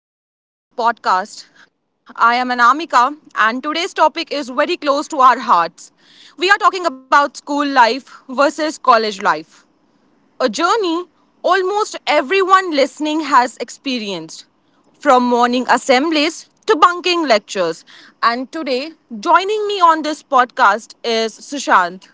and welcome back to our podcast. I am Anamika, and today's topic is very close to our hearts. We are talking about school life versus college life, a journey almost everyone listening has experienced, from morning assemblies to bunking lectures. And today, joining me on this podcast is Sushant.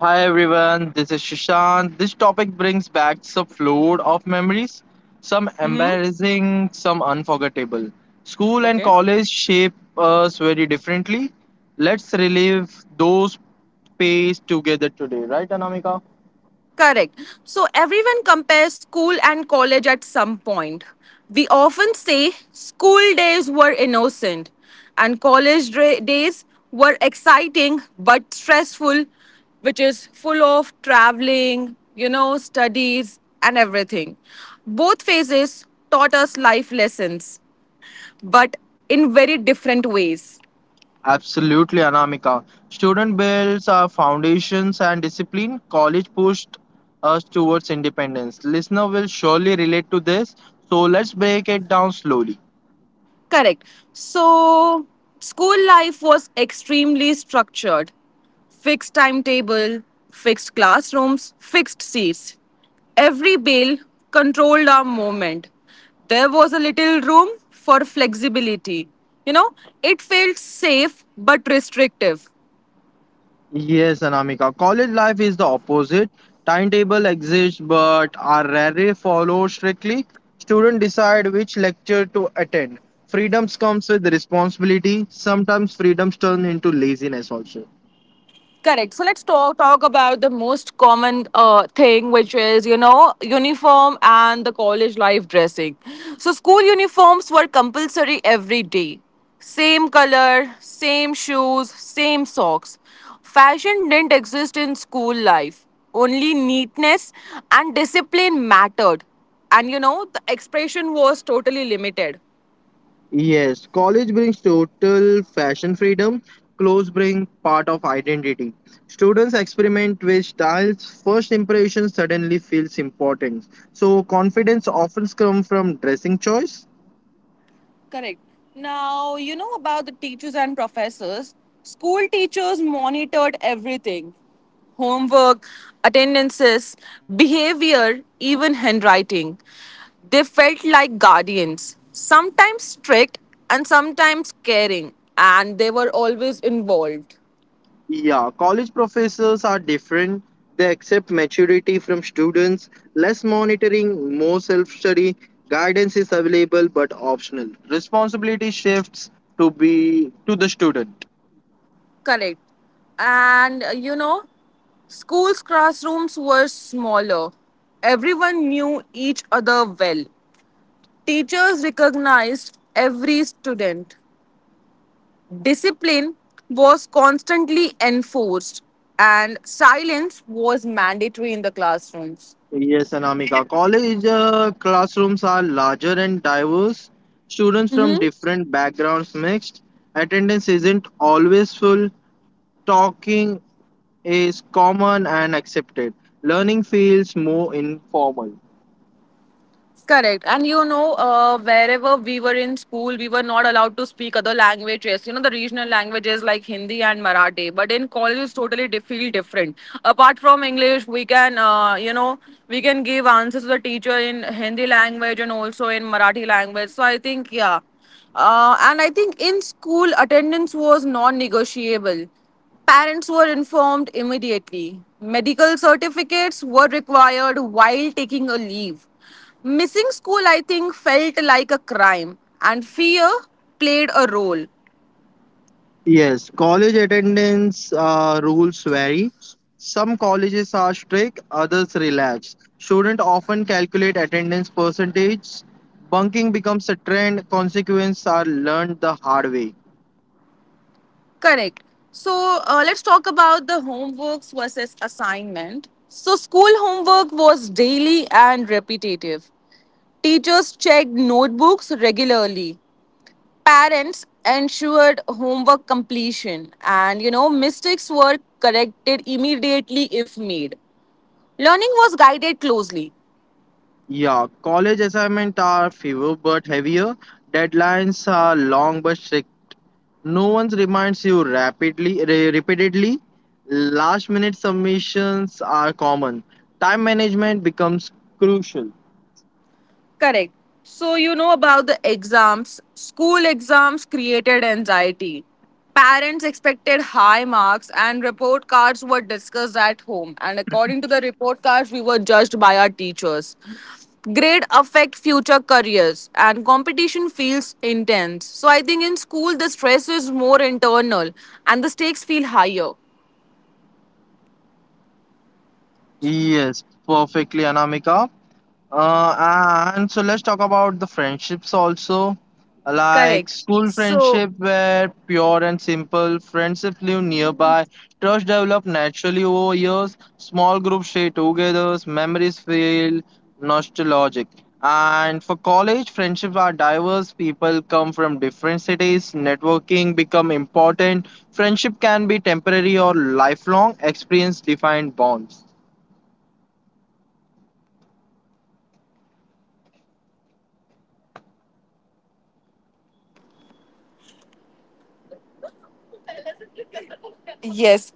Hi everyone, this is Shishant. This topic brings back some flood of memories, some embarrassing, some unforgettable. School and Okay. college shape us very differently. Let's relive those days together today, right, Anamika? Correct. So everyone compares school and college at some point. We often say school days were innocent and college days were exciting but stressful, which is full of traveling, studies and everything. Both phases taught us life lessons, but in very different ways. Absolutely, Anamika. Student builds our foundations and discipline. College pushed us towards independence. Listener will surely relate to this, so let's break it down slowly. Correct. So, school life was extremely structured, fixed timetable, fixed classrooms, fixed seats. Every bell controlled our movement. There was a little room for flexibility. You know, it felt safe but restrictive. Yes, Anamika. College life is the opposite. Timetable exists but are rarely followed strictly. Students decide which lecture to attend. Freedoms comes with responsibility. Sometimes freedoms turn into laziness also. Correct. So let's talk about the most common thing, which is uniform and the college life dressing. So school uniforms were compulsory every day. Same color, same shoes, same socks. Fashion didn't exist in school life. Only neatness and discipline mattered, and the expression was totally limited. Yes, college brings total fashion freedom. Clothes bring part of identity. Students experiment with styles. First impression suddenly feels important. So confidence often comes from dressing choice. Correct. Now, you know about the teachers and professors. School teachers monitored everything, homework, attendances, behavior, even handwriting. They felt like guardians, sometimes strict and sometimes caring, and they were always involved. Yeah, college professors are different. They accept maturity from students, less monitoring, more self study. Guidance is available but optional. Responsibility shifts to the student. Correct. And schools' classrooms were smaller. Everyone knew each other well. Teachers recognized every student. Discipline was constantly enforced, and silence was mandatory in the classrooms. Yes, Anamika. College classrooms are larger and diverse. Students from different backgrounds mixed. Attendance isn't always full. Talking is common and accepted. Learning feels more informal. Correct. And wherever we were in school, we were not allowed to speak other languages. The regional languages like Hindi and Marathi. But in college, it's totally feel different. Apart from English, we can give answers to the teacher in Hindi language and also in Marathi language. So I think, yeah. And I think in school, attendance was non negotiable. Parents were informed immediately. Medical certificates were required while taking a leave. Missing school, I think, felt like a crime, and fear played a role. Yes, college attendance rules vary. Some colleges are strict, others relax. Students often calculate attendance percentage. Bunking becomes a trend, consequences are learned the hard way. Correct. So, let's talk about the homeworks versus assignment. So, school homework was daily and repetitive. Teachers checked notebooks regularly. Parents ensured homework completion, and mistakes were corrected immediately if made. Learning was guided closely. Yeah, college assignments are fewer but heavier. Deadlines are long but strict. No one reminds you rapidly, repeatedly. Last minute submissions are common. Time management becomes crucial. Correct. So, you know about the exams. School exams created anxiety. Parents expected high marks, and report cards were discussed at home. And according to the report cards, we were judged by our teachers. Grade affect future careers, and competition feels intense. So, I think in school, the stress is more internal and the stakes feel higher. Yes, perfectly, Anamika. And so let's talk about the friendships also. Like Correct. school So, friendship were pure and simple. Friendships live nearby. Trust developed naturally over years. Small groups stay together. Memories feel nostalgic. And for college, friendships are diverse. People come from different cities. Networking become important. Friendship can be temporary or lifelong. Experience defined bonds. yes.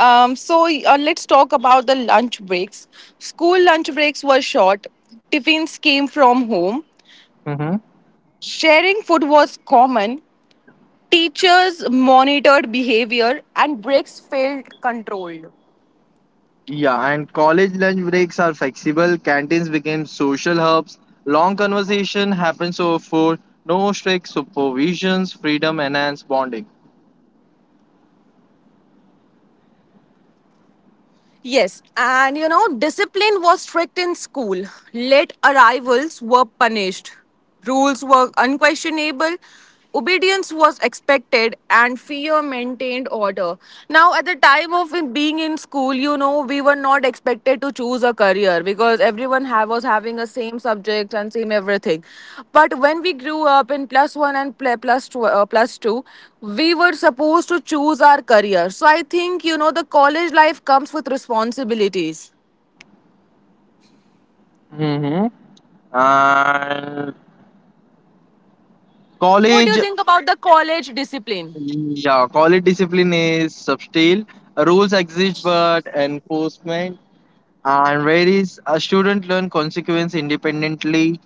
So, let's talk about the lunch breaks. School lunch breaks were short. Tiffins came from home. Sharing food was common. Teachers monitored behavior and breaks felt controlled. Yeah, and college lunch breaks are flexible. Canteens became social hubs. Long conversation happens over food. No strict supervisions. Freedom enhanced bonding. Yes, and discipline was strict in school. Late arrivals were punished. Rules were unquestionable. Obedience was expected and fear maintained order. Now, at the time of being in school, we were not expected to choose a career because everyone was having a same subject and same everything, but when we grew up in plus 1 and plus 2, we were supposed to choose our career. So I think the college life comes with responsibilities. Mm-hmm. And What do college, you think about the college discipline? yeah, college discipline is subtle. Rules exist, but enforcement and varies. A student learn consequence independently,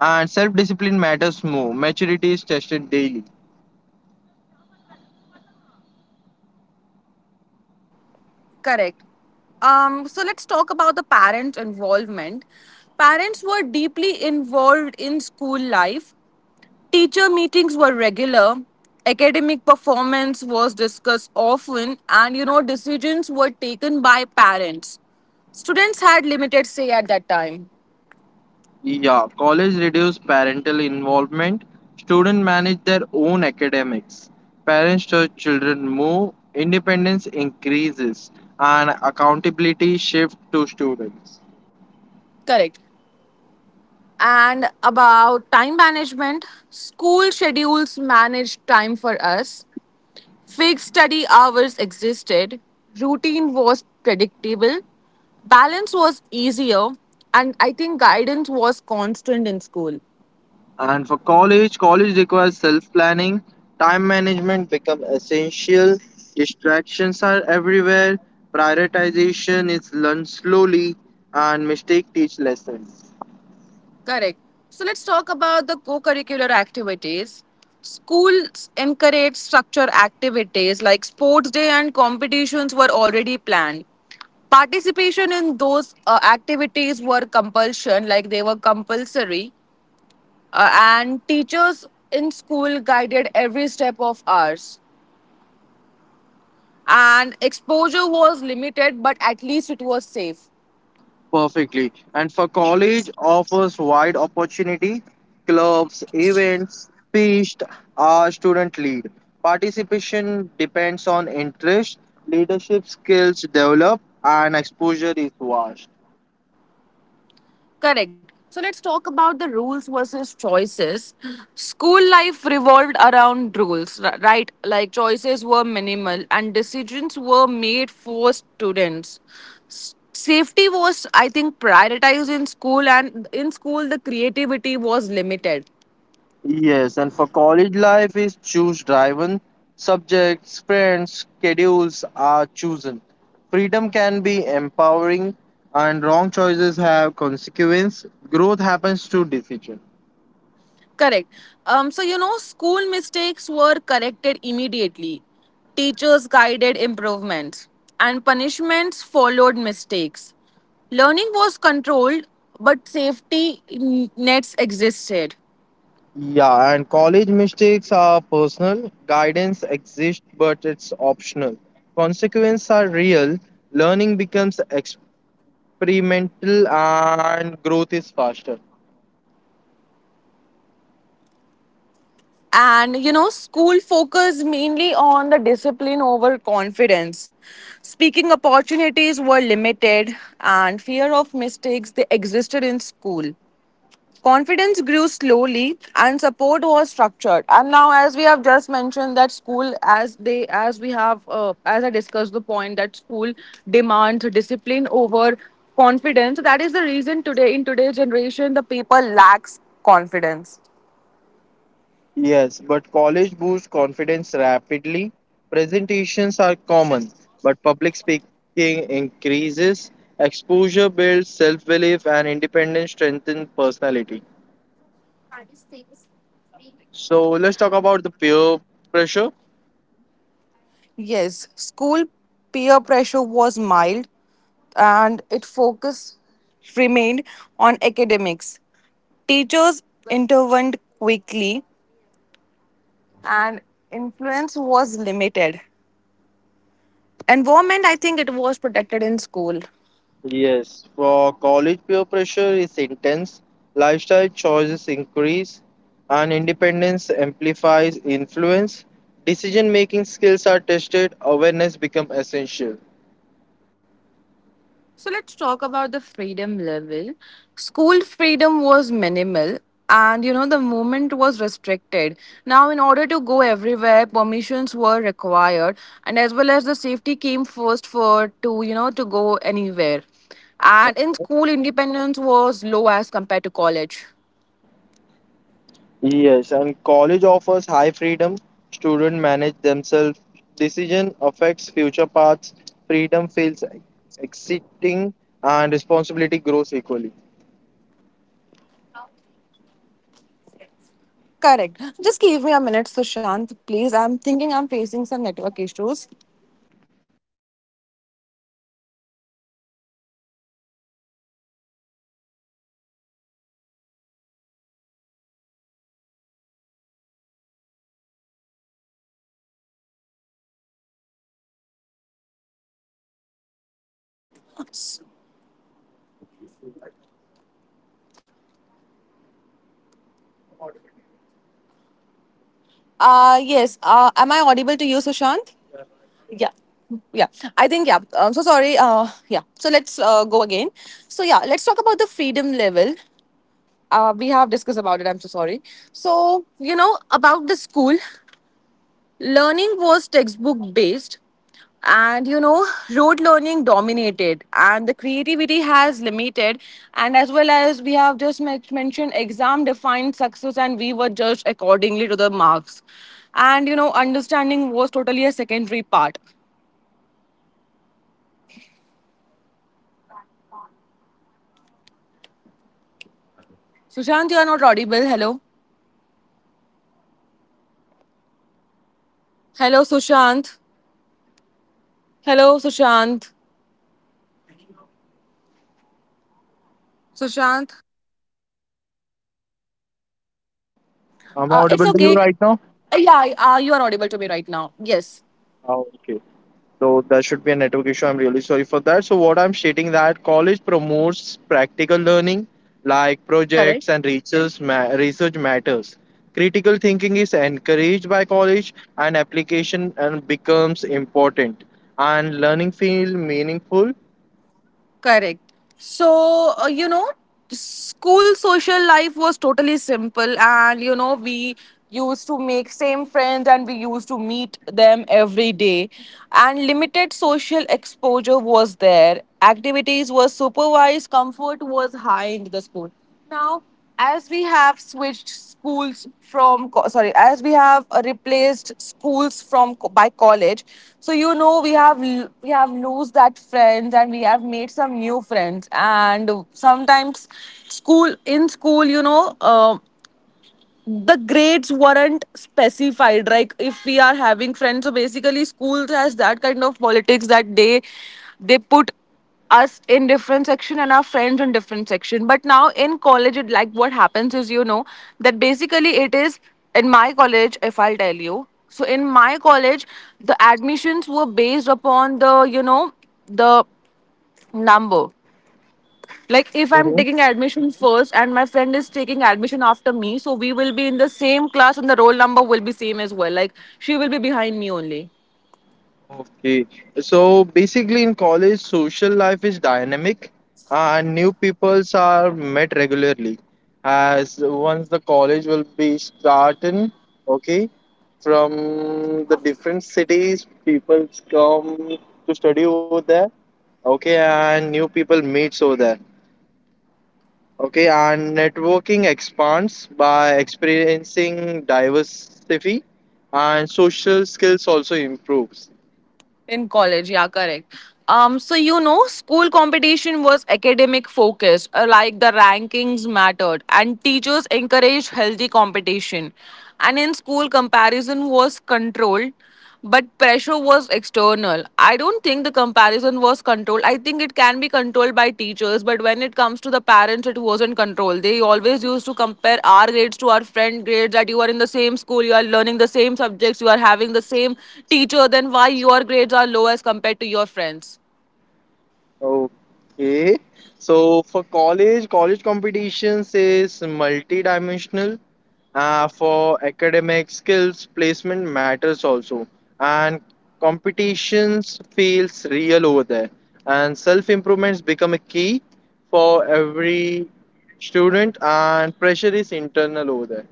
and self-discipline matters more. Maturity is tested daily. Correct. So let's talk about the parents' involvement. Parents were deeply involved in school life. Teacher meetings were regular, academic performance was discussed often, and decisions were taken by parents. Students had limited say at that time. Yeah, college reduced parental involvement. Students manage their own academics. Parents to children move. Independence increases and accountability shift to students. Correct. And about time management, school schedules managed time for us. Fixed study hours existed. Routine was predictable. Balance was easier. And I think guidance was constant in school. And for college, college requires self-planning. Time management become essential. Distractions are everywhere. Prioritization is learned slowly and mistake teach lessons. Correct. So let's talk about the co curricular activities. Schools encourage structured activities like sports day, and competitions were already planned. Participation in those activities were compulsion, like they were compulsory, and teachers in school guided every step of ours. And exposure was limited, but at least it was safe. Perfectly. And for college offers wide opportunity, clubs, events, pitched Our student lead. Participation depends on interest, leadership skills develop, and exposure is vast. Correct. So let's talk about the rules versus choices. School life revolved around rules, right? Like choices were minimal and decisions were made for students. Safety was, I think, prioritized in school, and in school, the creativity was limited. Yes, and for college life is choose driven, subjects, friends, schedules are chosen. Freedom can be empowering and wrong choices have consequence. Growth happens through decision. Correct. So, school mistakes were corrected immediately. Teachers guided improvements, and punishments followed mistakes. Learning was controlled, but safety nets existed. Yeah, and college mistakes are personal. Guidance exists, but it's optional. Consequences are real. Learning becomes experimental and growth is faster. And, school focused mainly on the discipline over confidence. Speaking opportunities were limited, and fear of mistakes they existed in school. Confidence grew slowly and support was structured. And now, as we have just mentioned, that school, as they, as we have, as I discussed the point that school demands discipline over confidence. That is the reason today, in today's generation, the people lacks confidence. Yes, but college boosts confidence rapidly. Presentations are common, but public speaking increases. Exposure builds self belief and independence strengthens personality. So, let's talk about the peer pressure. Yes, school peer pressure was mild and its focus remained on academics. Teachers intervened quickly and influence was limited. Environment, I think it was protected in school. Yes, for college peer pressure is intense, lifestyle choices increase, and independence amplifies influence. Decision making skills are tested, awareness becomes essential. So let's talk about the freedom level. School freedom was minimal and the movement was restricted. Now, in order to go everywhere, permissions were required, and as well as the safety came first for to to go anywhere. And in school, independence was low as compared to college. Yes, and college offers high freedom. Students manage themselves. Decision affects future paths. Freedom feels exciting, and responsibility grows equally. Correct. Just give me a minute, Sushant, please. I'm thinking I'm facing some network issues. Okay, so I think so. You're facing some network issue, right, Anamika? I'm audible to you. Yes. Am I audible to you, Yeah, Sushant? right now you're audible to Yeah. me, buddy. Yeah, I think, yeah. I'm so sorry. Yeah. So let's go again. So, yeah, let's talk about the freedom level. We have discussed about it. I'm so sorry. So, Mhm. about the school. Learning was textbook based, and rote learning dominated, and the creativity has limited. And as well as we have just mentioned, exam defined success, and we were judged accordingly to the marks. And understanding was totally a secondary part. Yeah, so college promotes practical learning like projects and research Sushant, you matters. are not audible. And Hello, I'm audible to you right now. hello, I'm Sushant. audible to you. I'm audible to you. Hello, Sushant. Can you hear me? Can you hear me? Sushant. I'm It's audible to you okay. right now. Yeah, you are audible to me right now. Yes. Ah, okay. So there should be a network issue. I'm really sorry for that. So what I'm stating that college promotes practical learning like Correct. projects and research matters. Critical thinking is encouraged by college and application and becomes important and learning feels meaningful. Correct. So, school social life was totally simple, and we used to make same friends and we used to meet them every day, and limited social exposure was there. Activities were supervised, comfort was high in the school. Now, as we have switched schools from sorry, as we have replaced schools from by college, so we have lost that friends and we have made some new friends, and sometimes school in school, the grades weren't specified. Like if we are having friends, so basically schools has that kind of politics that they put us in different section and our friends in different section. But now in college, it like what happens is, that basically it is, in my college, if I'll tell you, so in my college, the admissions were based upon the you know the number. Like if I'm taking admission first and my friend is taking admission after me, so we will be in the same class and the roll number will be same as well, like she will be behind me only Okay, so basically in college, social life is dynamic and new peoples are met regularly. As once the college will be starting, okay, from the different cities, people come to study over there, okay, and new people meets over there, okay, and networking expands by experiencing diversity and social skills also improves. in college. Yeah, correct. School competition was academic focused, like the rankings mattered and teachers encouraged healthy competition. And in school, comparison was controlled but pressure was external. I don't think the comparison was controlled. I think it can be controlled by teachers, but when it comes to the parents, it wasn't controlled. They always used to compare our grades to our friend grades, that you are in the same school, you are learning the same subjects, you are having the same teacher, then why your grades are low as compared to your friends? Okay. So for college, college competitions is multidimensional. For academic skills, placement matters also. And competitions feels real over there. And self-improvements become a key for every student and pressure is internal over there.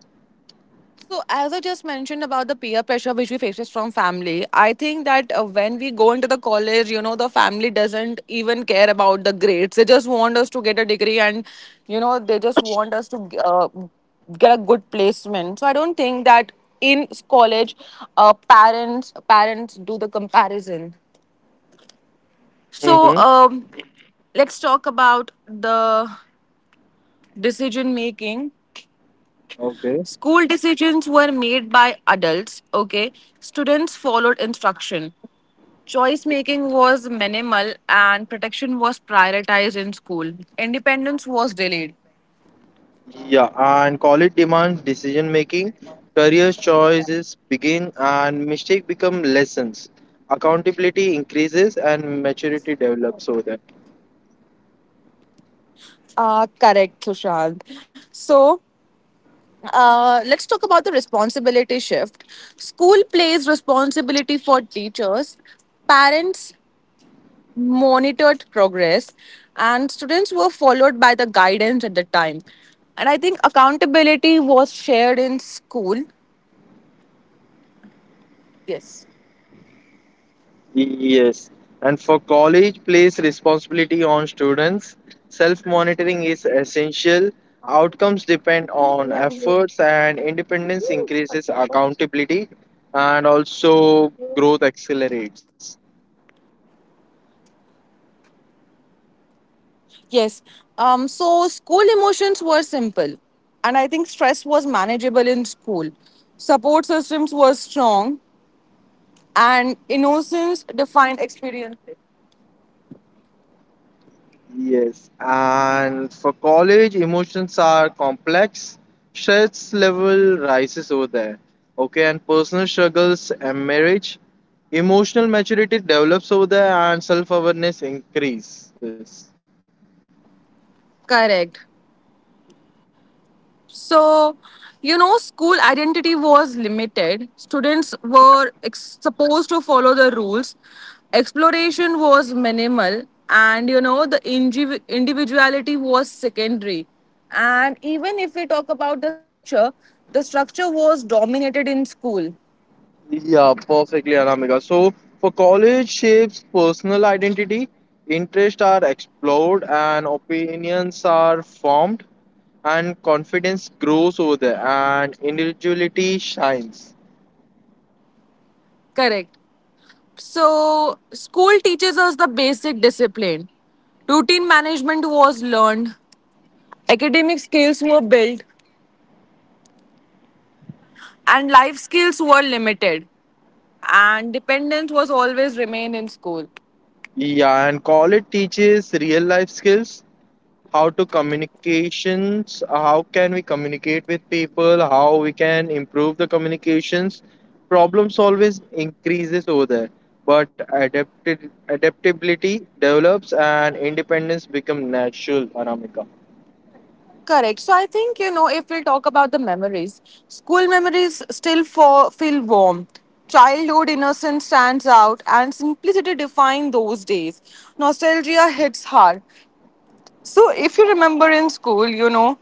So, as I just mentioned about the peer pressure which we faces from family, I think that when we go into the college, the family doesn't even care about the grades. They just want us to get a degree and, they just want us to uh, get a good placement. So, I don't think that in college, parents do the comparison. So, Mm-hmm. Let's talk about the decision making. Okay. School decisions were made by adults, okay? Students followed instruction. Choice making was minimal and protection was prioritized in school. Independence was delayed. Yeah, and college demands decision making, career choices begin, and mistake become lessons. Accountability increases and maturity develops. So that Correct, Sushant. So, let's talk about the responsibility shift. School plays responsibility for teachers, parents, monitored progress, and students were followed by the guidance at the time, and I think accountability was shared in school. Yes. yes, and for college, place responsibility on students. Self monitoring is essential. Outcomes depend on efforts, and independence increases accountability, and also growth accelerates. Yes. So school emotions were simple, and I think stress was manageable in school. Support systems were strong and innocence defined experiences. Yes, and for college, emotions are complex. Stress level rises over there. Okay, and personal struggles and marriage, emotional maturity develops over there, and self-awareness increases. Correct. So, school identity was limited. Students were supposed to follow the rules. Exploration was minimal. And, you know, the individuality was secondary. And even if we talk about the structure was dominated in school. Yeah, perfectly, Anamika. So for college, shapes personal identity, interests are explored, and opinions are formed, and confidence grows over there, and individuality shines. Correct. So, school teaches us the basic discipline. Routine management was learned, academic skills were built, and life skills were limited. And dependence was always remain in school. Yeah, and college teaches real life skills, how to communications, how can we communicate with people, how we can improve the communications. Problems always increases over there, but adapted adaptability develops and independence become natural, Anamika. Correct. So I think, you know, if we talk about the memories, school memories still feel warm. Childhood innocence stands out, and simplicity define those days. Nostalgia hits hard. So if you remember in school, you know,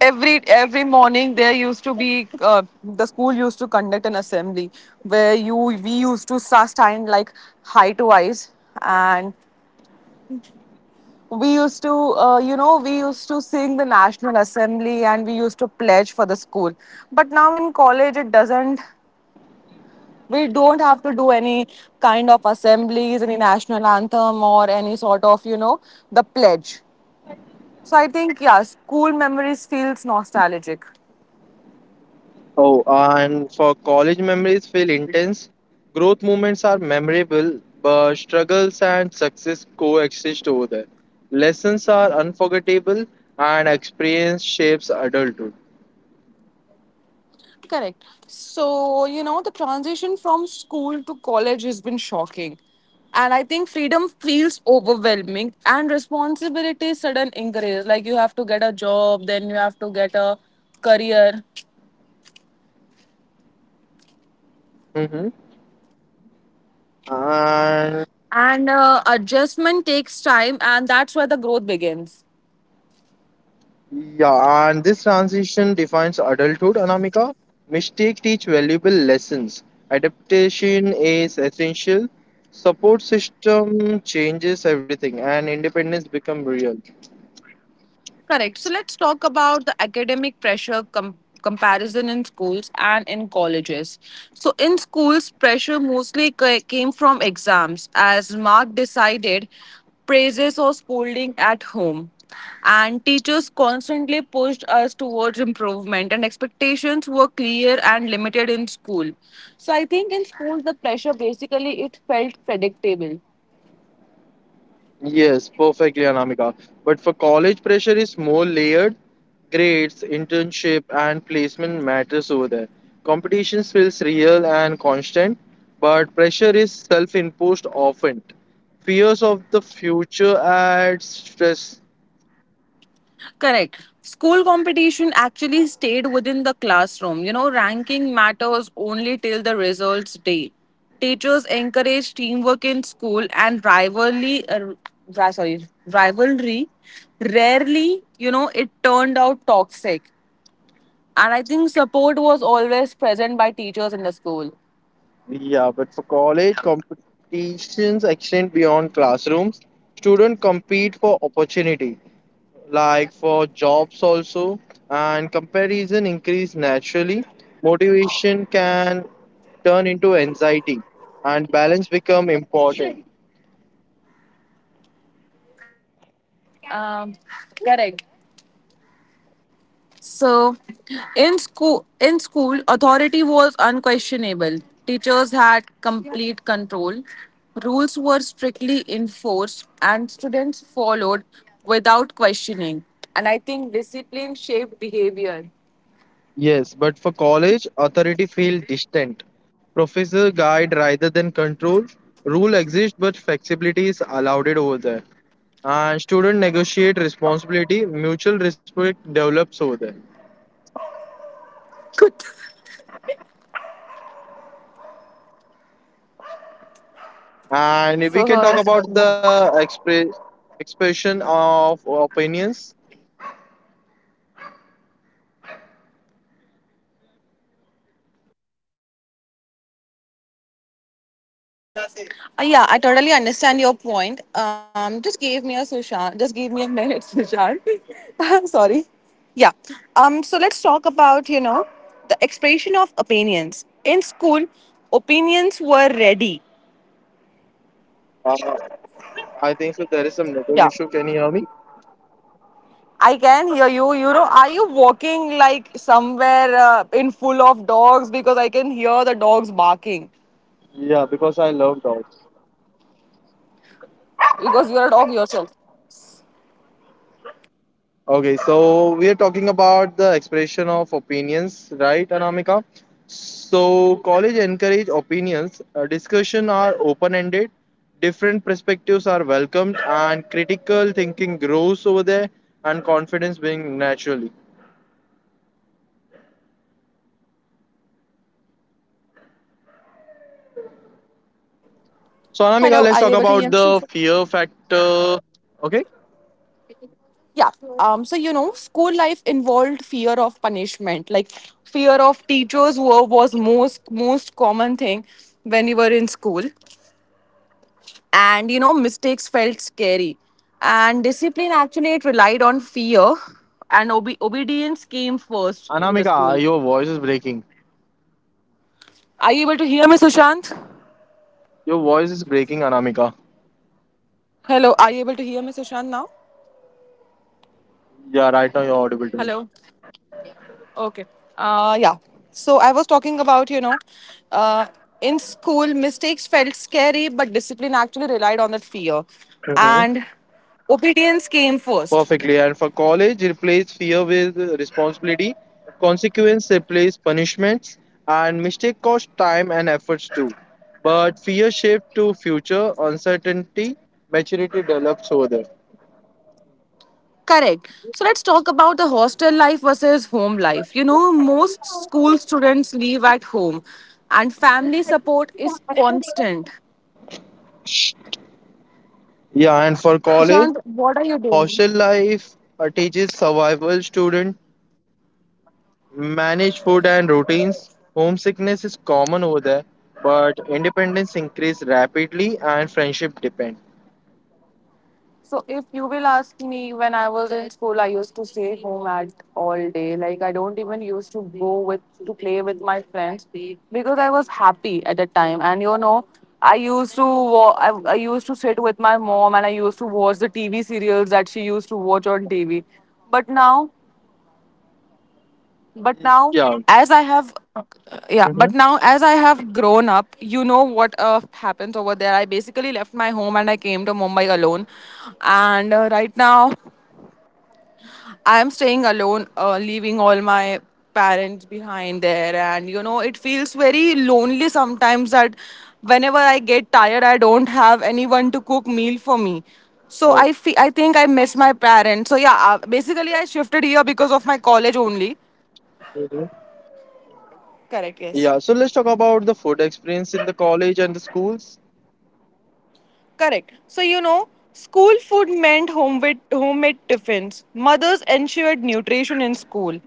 every morning there used to be, the school used to conduct an assembly where you we used to stand like high to eyes. And we used to, you know, we used to sing the national assembly, and we used to pledge for the school. But now in college, it doesn't, we don't have to do any kind of assemblies, any national anthem, or any sort of, you know, the pledge. So I think, yeah, school memories feels nostalgic. Oh, and for college memories feel intense. Growth moments are memorable, but struggles and success coexist over there. Lessons are unforgettable, and experience shapes adulthood. Correct. So, you know, the transition from school to college has been shocking. And I think freedom feels overwhelming and responsibility sudden increase. Like you have to get a job, then you have to get a career. Hmm. And And adjustment takes time, and that's where the growth begins. yeah, and this transition defines adulthood, Anamika. Mistakes teach valuable lessons. Adaptation is essential. Support system changes everything, and independence become real. Correct. So let's talk about the academic pressure comparison in schools and in colleges. So in schools, pressure mostly came from exams, as Mark decided, praises or scolding at home. And teachers constantly pushed us towards improvement, and expectations were clear and limited in school. So I think in schools the pressure basically it felt predictable. Yes, perfectly, Anamika. But for college, pressure is more layered. Grades, internship, and placement matters over there. Competition feels real and constant, but pressure is self-imposed often. Fears of the future adds stress. Correct. School competition actually stayed within the classroom. You know, ranking matters only till the results day. Teachers encourage teamwork in school and rivalry. Sorry, rivalry. Rarely, you know, it turned out toxic. And I think support was always present by teachers in the school. Yeah, but for college, competitions extend beyond classrooms. Students compete for opportunities like for jobs also and comparison increase naturally motivation can turn into anxiety and balance become important. Um, Correct. So, in school, authority was unquestionable. Teachers had complete control. Rules were strictly enforced, and students followed without questioning. And I think discipline shaped behavior. Yes, but for college authority feel distant, professor guide rather than control, rule exist but flexibility is allowed it over there and student negotiate responsibility mutual respect develops over there. Good. And we So can talk sorry. about the expression of opinions. Yeah, I totally understand your point. Just give me a Sushant. Just give me a minute, Sushant. Sorry. Yeah. So let's talk about, you know, the expression of opinions in school. Opinions were ready. Uh, I think so. There is some network Yeah. issue. Can you hear me? I can hear you. You know, are you walking like somewhere in full of dogs? Because I can hear the dogs barking. Yeah, because I love dogs. Because you're a dog yourself. Okay, so we are talking about the expression of opinions, right, Anamika? So college encourage opinions. Discussion are open-ended. Different perspectives are welcomed, and critical thinking grows over there, and confidence being naturally. So Anamika, Hello. let's Are you talk able to hear about me? the fear factor. Okay, Yeah. So you know, school life involved fear of punishment, like fear of teachers were was most common thing when you were in school. And you know, mistakes felt scary, and discipline actually it relied on fear. And obedience came first into the Anamika, school. your voice is breaking. Are you able to hear me, Sushant? Your voice is breaking, Anamika. Hello, are you able to hear me, Sushant, now? Yeah, right now you're audible to me. Hello. Okay. Yeah. So I was talking about, you know, uh, in school, mistakes felt scary, but discipline actually relied on that fear. Hmm. And obedience came first. Perfectly. And for college, replace fear with responsibility. Consequence replace punishments, and mistake cost time and efforts too. But fear shift to future uncertainty. Maturity develops over there. Correct. So let's talk about the hostel life versus home life. You know, most school students live at home, and family support is constant. Yeah, and for college, Sushant, hostel life teaches survival student manage food and routines. Homesickness is common over there, but independence increase rapidly and friendship depend. so if you will ask me, when I was in school, I used to stay home at all day. Like I don't even used to go with to play with my friends, because I was happy at the time. And you know, I used to I used to sit with my mom and I used to watch the TV serials that she used to watch on TV. But now, but now, Yeah. as I have, yeah, Mm-hmm. but now as I have grown up, you know what happens over there. I basically left my home and I came to Mumbai alone, and right now I'm staying alone, leaving all my parents behind there. And, you know, it feels very lonely sometimes that whenever I get tired, I don't have anyone to cook meal for me. So Oh. I think I miss my parents. So yeah, basically I shifted here because of my college only. Correct, yes. Yeah, so let's talk about the food experience in the college and the schools. Correct. So you know, school food meant homemade tiffins. Mothers ensured nutrition in school.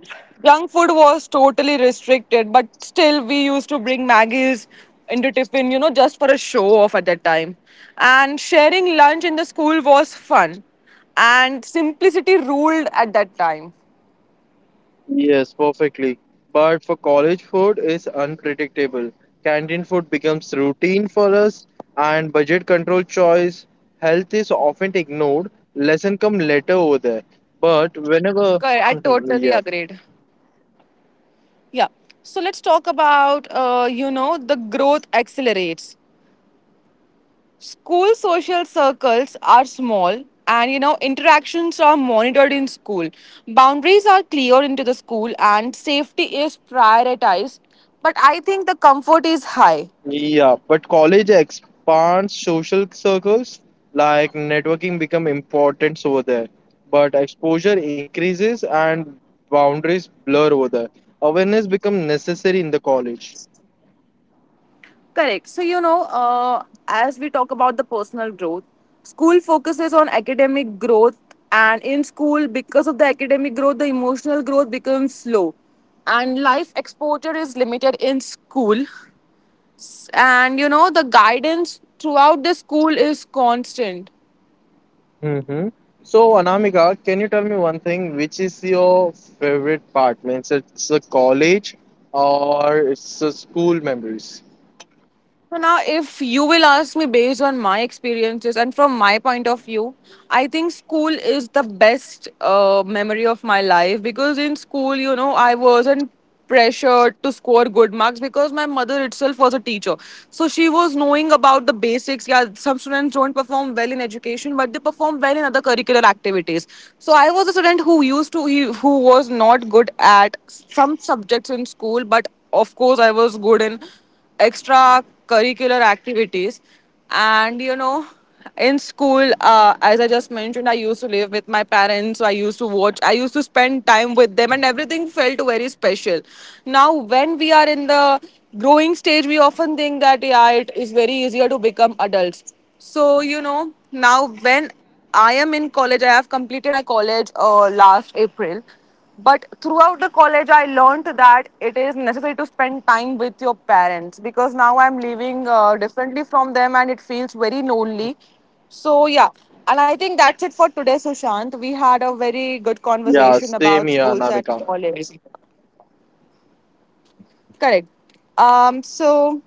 Junk food was totally restricted, but still we used to bring Maggie's into tiffin, you know, just for a show off at that time. And sharing lunch in the school was fun. And simplicity ruled at that time. Yes, perfectly. But for college food is unpredictable. Canteen food becomes routine for us and budget control choice health is often ignored. Lesson come later over there. But whenever Correct. I totally yeah. agreed. Yeah. So let's talk about, you know, the growth accelerates. School social circles are small, and you know, interactions are monitored in school. Boundaries are clear into the school and safety is prioritized, but I think the comfort is high. Yeah, but college expands social circles, like networking become important over there. But exposure increases and boundaries blur over there. Awareness become necessary in the college. Correct. So you know, as we talk about the personal growth, school focuses on academic growth, and in school because of the academic growth the emotional growth becomes slow, and life exposure is limited in school, and you know, the guidance throughout the school is constant. Mm-hmm. So Anamika, can you tell me one thing? Which is your favorite part? Means it's a college or it's a school memories? So now, if you will ask me based on my experiences and from my point of view, I think school is the best memory of my life, because in school, you know, I wasn't pressured to score good marks because my mother itself was a teacher. So she was knowing about the basics. Yeah, some students don't perform well in education, but they perform well in other curricular activities. So I was a student who used to, who was not good at some subjects in school, but of course, I was good in extra curricular activities. And you know, in school, as I just mentioned, I used to live with my parents, so I used to spend time with them, and everything felt very special. Now when we are in the growing stage, we often think that yeah, it is very easier to become adults. So you know, now when I am in college, I have completed my college last April. But throughout the college, I learnt that it is necessary to spend time with your parents, because now I'm living differently from them, and it feels very lonely. So, yeah, and I think that's it for today, Sushant. We had a very good Yeah, conversation same about here, schools and Anamika. college. Correct. Um, so,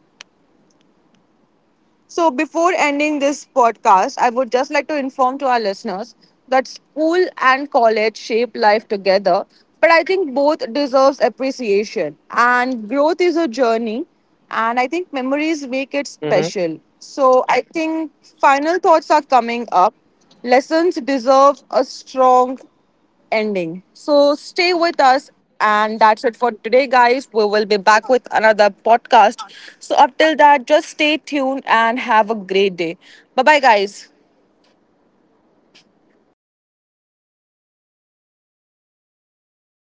So, before ending this podcast, I would just like to inform to our listeners that school and college shape life together, but I think both deserves appreciation. And growth is a journey, and I think memories make it Mm-hmm. special. So, I think final thoughts are coming up. Lessons deserve a strong ending. So stay with us, and that's it for today, guys. We will be back with another podcast. So, up till that, just stay tuned and have a Yeah, great bye day. bye, Bye bye, guys. guys. We